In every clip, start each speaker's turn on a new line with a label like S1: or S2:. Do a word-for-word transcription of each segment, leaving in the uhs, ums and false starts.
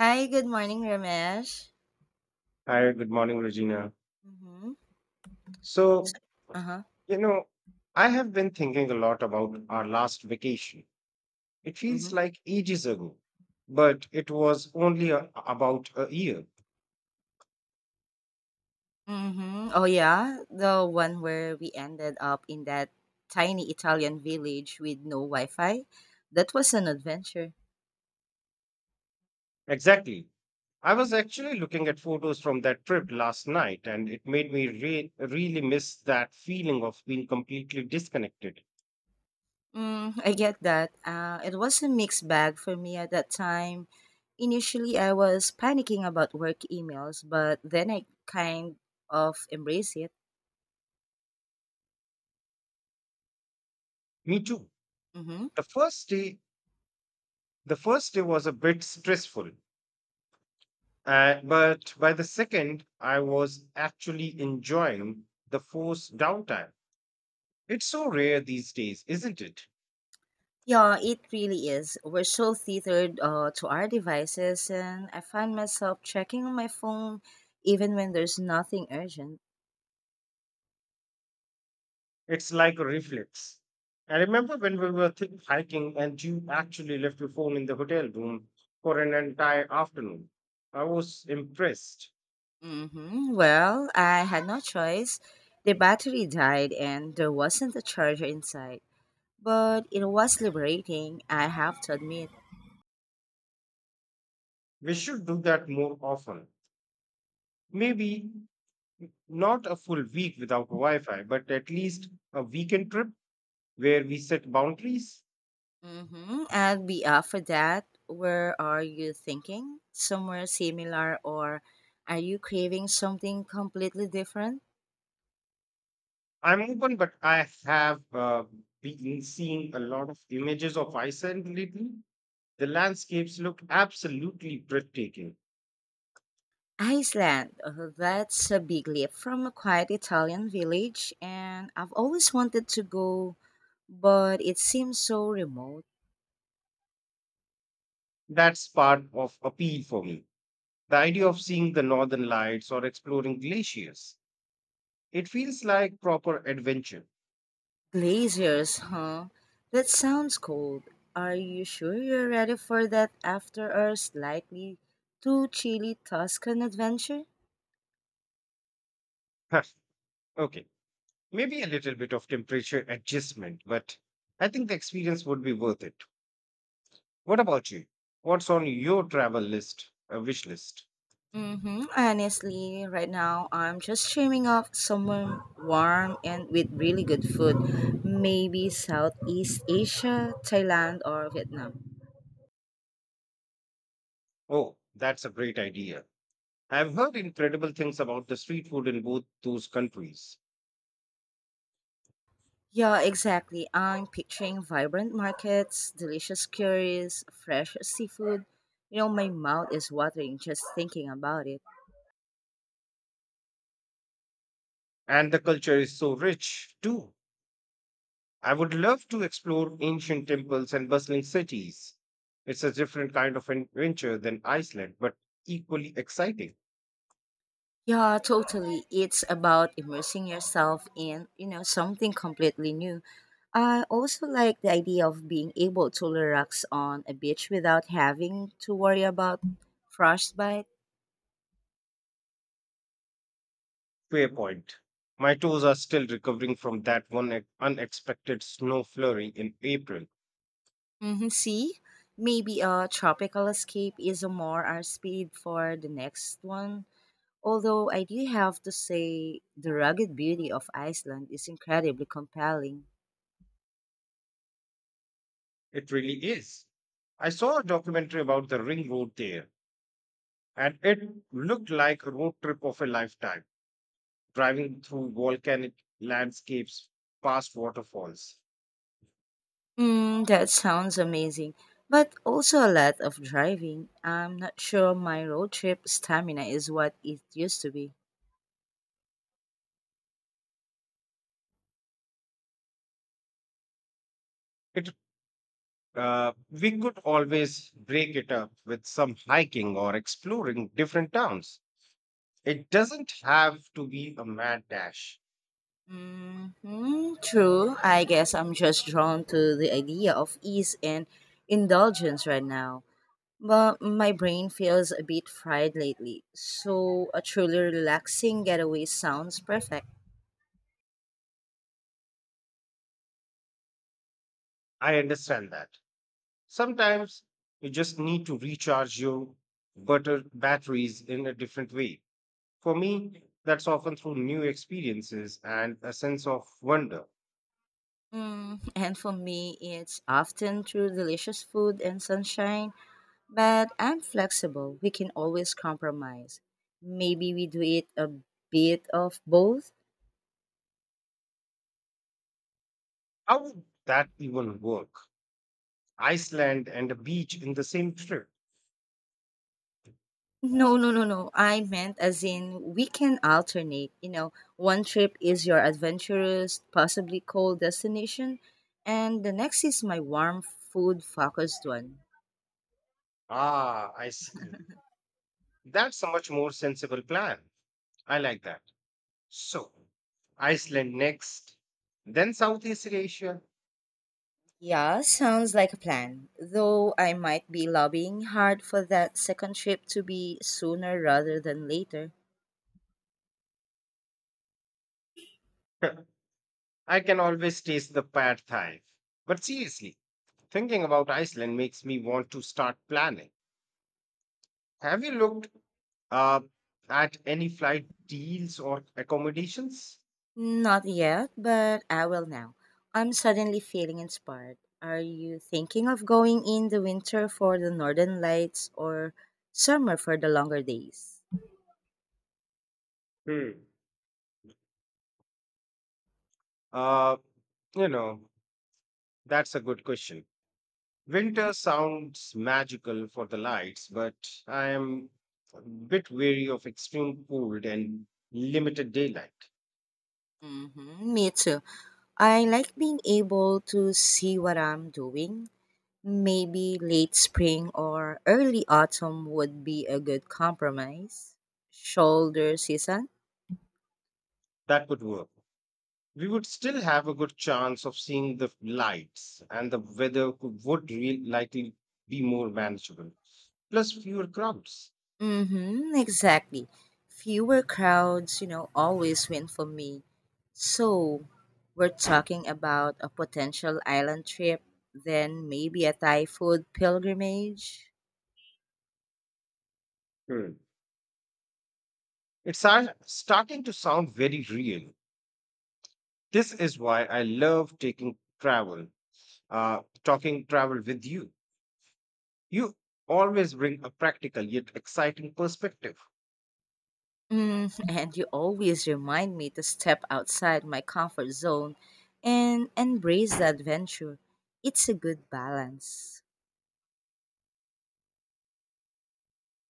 S1: Hi, good morning, Ramesh.
S2: Hi, good morning, Regina.
S1: Mm-hmm.
S2: So,
S1: Uh-huh.
S2: you know, I have been thinking a lot about our last vacation. It feels
S1: Mm-hmm.
S2: like ages ago, but it was only a, about a year.
S1: Mm-hmm. Oh yeah, the one where we ended up in that tiny Italian village with no Wi-Fi. That was an adventure.
S2: Exactly. I was actually looking at photos from that trip last night, and it made me re- really miss that feeling of being completely disconnected.
S1: Mm, I get that. Uh, it was a mixed bag for me at that time. Initially, I was panicking about work emails, but then I kind of embraced
S2: Me too.
S1: it.
S2: The first day, the first day was a bit stressful. Uh, but by the second, I was actually enjoying the forced downtime. It's so rare these days, isn't it?
S1: Yeah, it really is. We're so tethered uh, to our devices, and I find myself checking on my phone even when there's nothing urgent.
S2: It's like a reflex. I remember when we were th- hiking and you actually left your phone in the hotel room for an entire afternoon. I was impressed.
S1: Hmm Well, I had no choice. The battery died, and there wasn't a charger inside. But it was liberating, I have to admit.
S2: We should do that more often. Maybe not a full week without Wi Fi, but at least a weekend trip where we set boundaries.
S1: Mm-hmm. And beyond for that, where are you thinking? Somewhere similar, or are you craving something completely different?
S2: I'm open, but I have uh, been seeing a lot of images of Iceland lately. The landscapes look absolutely breathtaking.
S1: Iceland. Oh, that's a big leap from a quiet Italian village, and I've always wanted to go, but it seems so remote.
S2: That's part of appeal for me. The idea of seeing the northern lights or exploring glaciers. It feels like proper adventure.
S1: Glaciers, huh? That sounds cold. Are you sure you're ready for that after our slightly too chilly Tuscan adventure?
S2: Huh, okay, maybe a little bit of temperature adjustment, but I think the experience would be worth it. What about you? What's on your travel list, a wish list?
S1: Mm-hmm. Honestly, right now I'm just dreaming of somewhere warm and with really good food. Maybe Southeast Asia, Thailand, or Vietnam.
S2: Oh, that's a great idea. I've heard incredible things about the street food in both those countries.
S1: Yeah, exactly. I'm picturing vibrant markets, delicious curries, fresh seafood. You know, my mouth is watering just thinking about it.
S2: And the culture is so rich, too. I would love to explore ancient temples and bustling cities. It's a different kind of adventure than Iceland, but equally exciting.
S1: Yeah, totally. It's about immersing yourself in, you know, something completely new. I also like the idea of being able to relax on a beach without having to worry about frostbite.
S2: Fair point. My toes are still recovering from that one ex- unexpected snow flurry in April.
S1: Mm-hmm. See, maybe a tropical escape is a more our speed for the next one. Although I do have to say, the rugged beauty of Iceland is incredibly compelling.
S2: It really is. I saw a documentary about the ring road there, and it looked like a road trip of a lifetime. Driving through volcanic landscapes, past waterfalls.
S1: Mm, that sounds amazing, but also a lot of driving. I'm not sure my road trip stamina is what it used to be.
S2: It uh, We could always break it up with some hiking or exploring different towns. It doesn't have to be a mad dash.
S1: Hmm true. I guess I'm just drawn to the idea of ease and indulgence right now. But my brain feels a bit fried lately, so a truly relaxing getaway sounds perfect.
S2: I understand that. Sometimes you just need to recharge your butter batteries in a different way. For me, that's often through new experiences and a sense of wonder.
S1: Mm, and for me, it's often through delicious food and sunshine, but I'm flexible. We can always compromise. Maybe we do it a bit of both.
S2: How would that even work? Iceland and a beach in the same trip.
S1: No, no, no, no. I meant as in we can alternate. You know, one trip is your adventurous, possibly cold destination, and the next is my warm food focused one.
S2: Ah, I see. That's a much more sensible plan. I like that. So, Iceland next, then Southeast Asia.
S1: Yeah, sounds like a plan. Though I might be lobbying hard for that second trip to be sooner rather than later.
S2: I can always taste the pad thai. But seriously, thinking about Iceland makes me want to start planning. Have you looked uh, at any flight deals or accommodations?
S1: Not yet, but I will now. I'm suddenly feeling inspired. Are you thinking of going in the winter for the northern lights or summer for the longer days?
S2: Hmm. Uh, you know, that's a good question.
S1: Mm-hmm.
S2: Winter sounds magical for the lights, but I am a bit wary of extreme cold and limited daylight.
S1: Mm-hmm. Me too. I like being able to see what I'm doing. Maybe late spring or early autumn would be a good compromise. Shoulder season?
S2: That could work. We would still have a good chance of seeing the lights, and the weather could, would real, likely be more manageable. Plus, fewer crowds.
S1: Mm-hmm, exactly. Fewer crowds, you know, always win for me. So, we're talking about a potential island trip, then maybe a Thai food pilgrimage.
S2: Hmm. It's ar- starting to sound very real. This is why I love taking travel, uh, talking travel with you. You always bring a practical yet exciting perspective.
S1: Mm, and you always remind me to step outside my comfort zone and embrace the adventure. It's a good balance.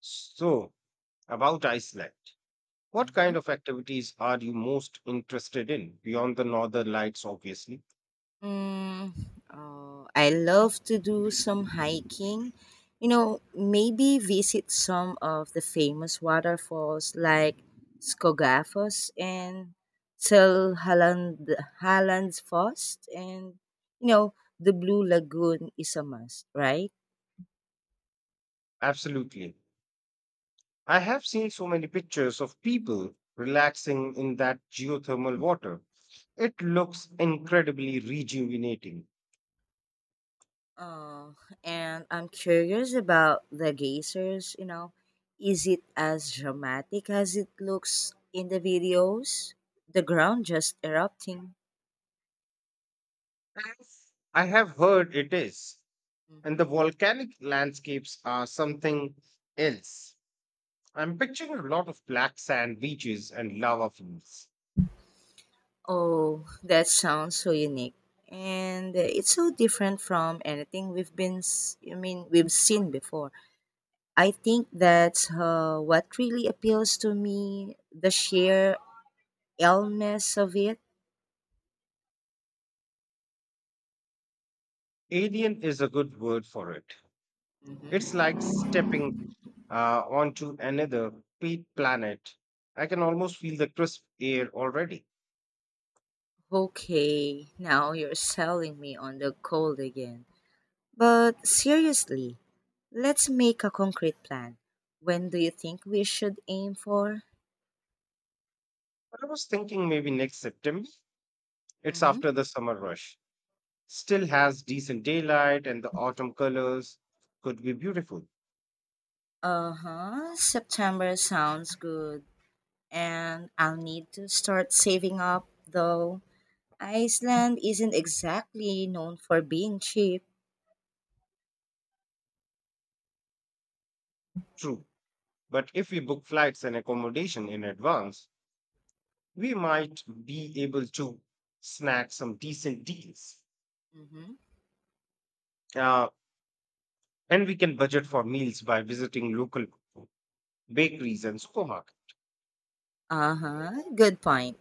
S2: So, about Iceland, what kind
S1: Mhm.
S2: of activities are you most interested in beyond the northern lights, obviously?
S1: Mm, oh, I love to do some hiking. You know, maybe visit some of the famous waterfalls like Skogafoss and Sølhaland Halland's and you know, the Blue Lagoon is a must, right?
S2: Absolutely. I have seen so many pictures of people relaxing in that geothermal water. It looks incredibly rejuvenating.
S1: Oh, and I'm curious about the geysers, you know, is it as dramatic as it looks in the videos? The ground just erupting.
S2: Yes. I have heard it is. And the
S1: Mhm.
S2: volcanic landscapes are something else. I'm picturing a lot of black sand beaches and lava fields.
S1: Oh, that sounds so unique. And uh, it's so different from anything we've been, s- I mean, we've seen before. I think that's uh, what really appeals to me, the sheer illness of it.
S2: Alien is a good word for it. It's like stepping uh, onto another pe- planet. I can almost feel the crisp air already.
S1: Okay, now you're selling me on the cold again. But seriously, let's make a concrete plan. When do you think we should aim for?
S2: I was thinking maybe next September. It's
S1: Mm-hmm.
S2: after the summer rush. Still has decent daylight and the autumn colors could be beautiful.
S1: Uh huh. September sounds good. And I'll need to start saving up, though Iceland isn't exactly known for being cheap.
S2: True. But if we book flights and accommodation in advance, we might be able to snag some decent deals.
S1: Hmm
S2: Uh, And we can budget for meals by visiting local bakeries and supermarkets.
S1: Uh huh. Good point.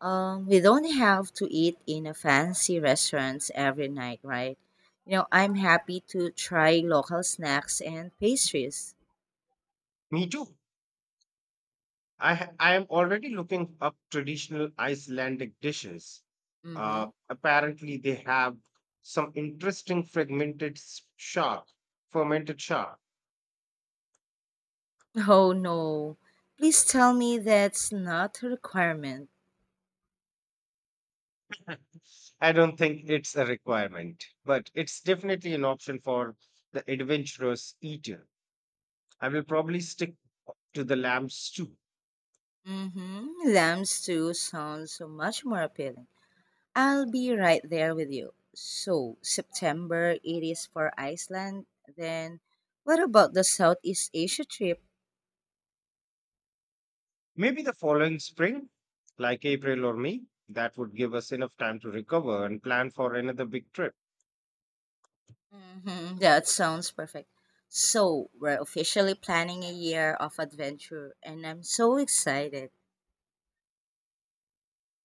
S1: Um, we don't have to eat in a fancy restaurants every night, right? You know, I'm happy to try local snacks and pastries.
S2: Me too. I, ha- I am already looking up traditional Icelandic dishes. Uh,
S1: Mm-hmm.
S2: apparently, they have some interesting fragmented s- shark, fermented shark.
S1: Oh no! Please tell me that's not a requirement.
S2: I don't think it's a requirement, but it's definitely an option for the adventurous eater. I will probably stick to the lamb stew.
S1: Mm-hmm. Lamb stew sounds so much more appealing. I'll be right there with you. So, September it is for Iceland. Then, what about the Southeast Asia trip?
S2: Maybe the following spring, like April or May, that would give us enough time to recover and plan for another big trip.
S1: hmm, that sounds perfect. So, we're officially planning a year of adventure, and I'm so excited.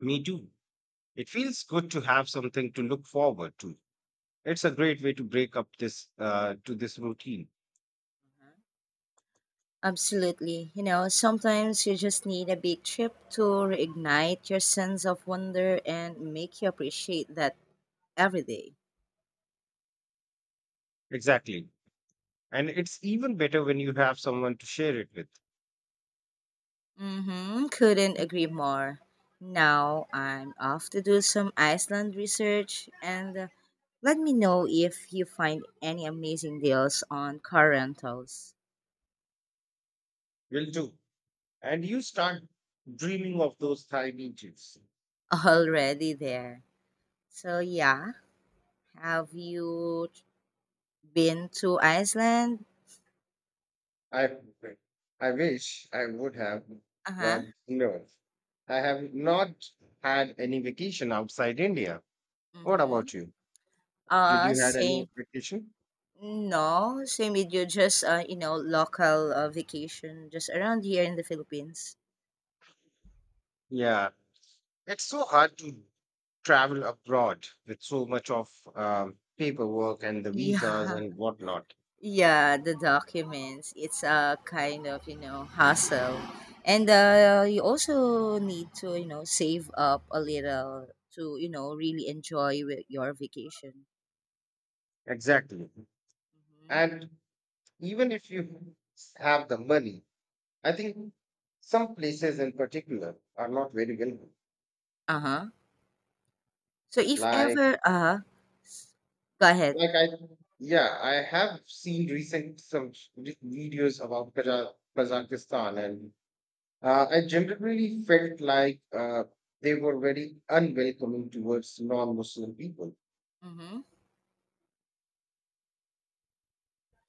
S2: Me too. It feels good to have something to look forward to. It's a great way to break up this uh, to this routine.
S1: Absolutely. You know, sometimes you just need a big trip to reignite your sense of wonder and make you appreciate that every day.
S2: Exactly. And it's even better when you have someone to share it with.
S1: Mm-hmm. Couldn't agree more. Now I'm off to do some Iceland research and uh, let me know if you find any amazing deals on car rentals.
S2: Will do. And you start dreaming of those Thai beaches.
S1: Already there. So yeah, have you been to Iceland?
S2: I I wish I would have,
S1: Uh-huh.
S2: but no. I have not had any vacation outside India. What
S1: Mm-hmm.
S2: about you? Did
S1: Uh,
S2: you had any
S1: same.
S2: vacation?
S1: No, same with you, just uh, you know, local uh, vacation just around here in the Philippines.
S2: Yeah, it's so hard to travel abroad with so much of um, paperwork and the visas
S1: Yeah.
S2: and whatnot.
S1: Yeah, the documents. It's a kind of, you know, hassle. And uh, you also need to, you know, save up a little to, you know, really enjoy wi- your vacation.
S2: Exactly.
S1: Hmm
S2: And even if you have the money, I think some places in particular are not very welcome.
S1: Uh-huh. So if
S2: Like
S1: ever, uh, s- go ahead.
S2: Like I, yeah, I have seen recent some re- videos about Kaza- Kazakhstan, and uh, I generally felt like uh, they were very unwelcoming towards non-Muslim people.
S1: Mm-hmm.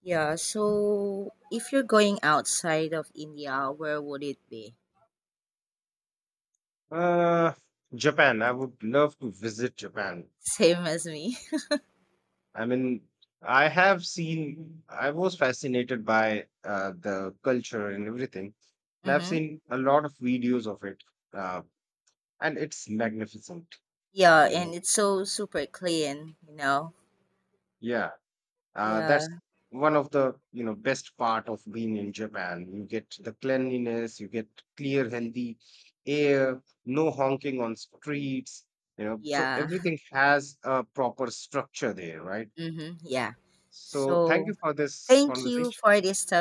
S1: Yeah, so if you're going outside of India, where would it be?
S2: Uh, Japan. I would love to visit Japan.
S1: Same as me.
S2: I mean, I have seen, I was fascinated by uh, the culture and everything. And I've
S1: Mm-hmm.
S2: seen a lot of videos of it, uh, and it's magnificent,
S1: Yeah,
S2: you
S1: and
S2: know.
S1: it's so super clean, you know?
S2: Yeah. Uh,
S1: Yeah.
S2: that's one of the you know best part of being in Japan. You get the cleanliness, you get clear, healthy air, no honking on streets. You know, so
S1: Yeah.
S2: everything has a proper structure there, right?
S1: Mm-hmm. Yeah.
S2: So thank you
S1: So
S2: for this
S1: thank you
S2: conversation.
S1: for this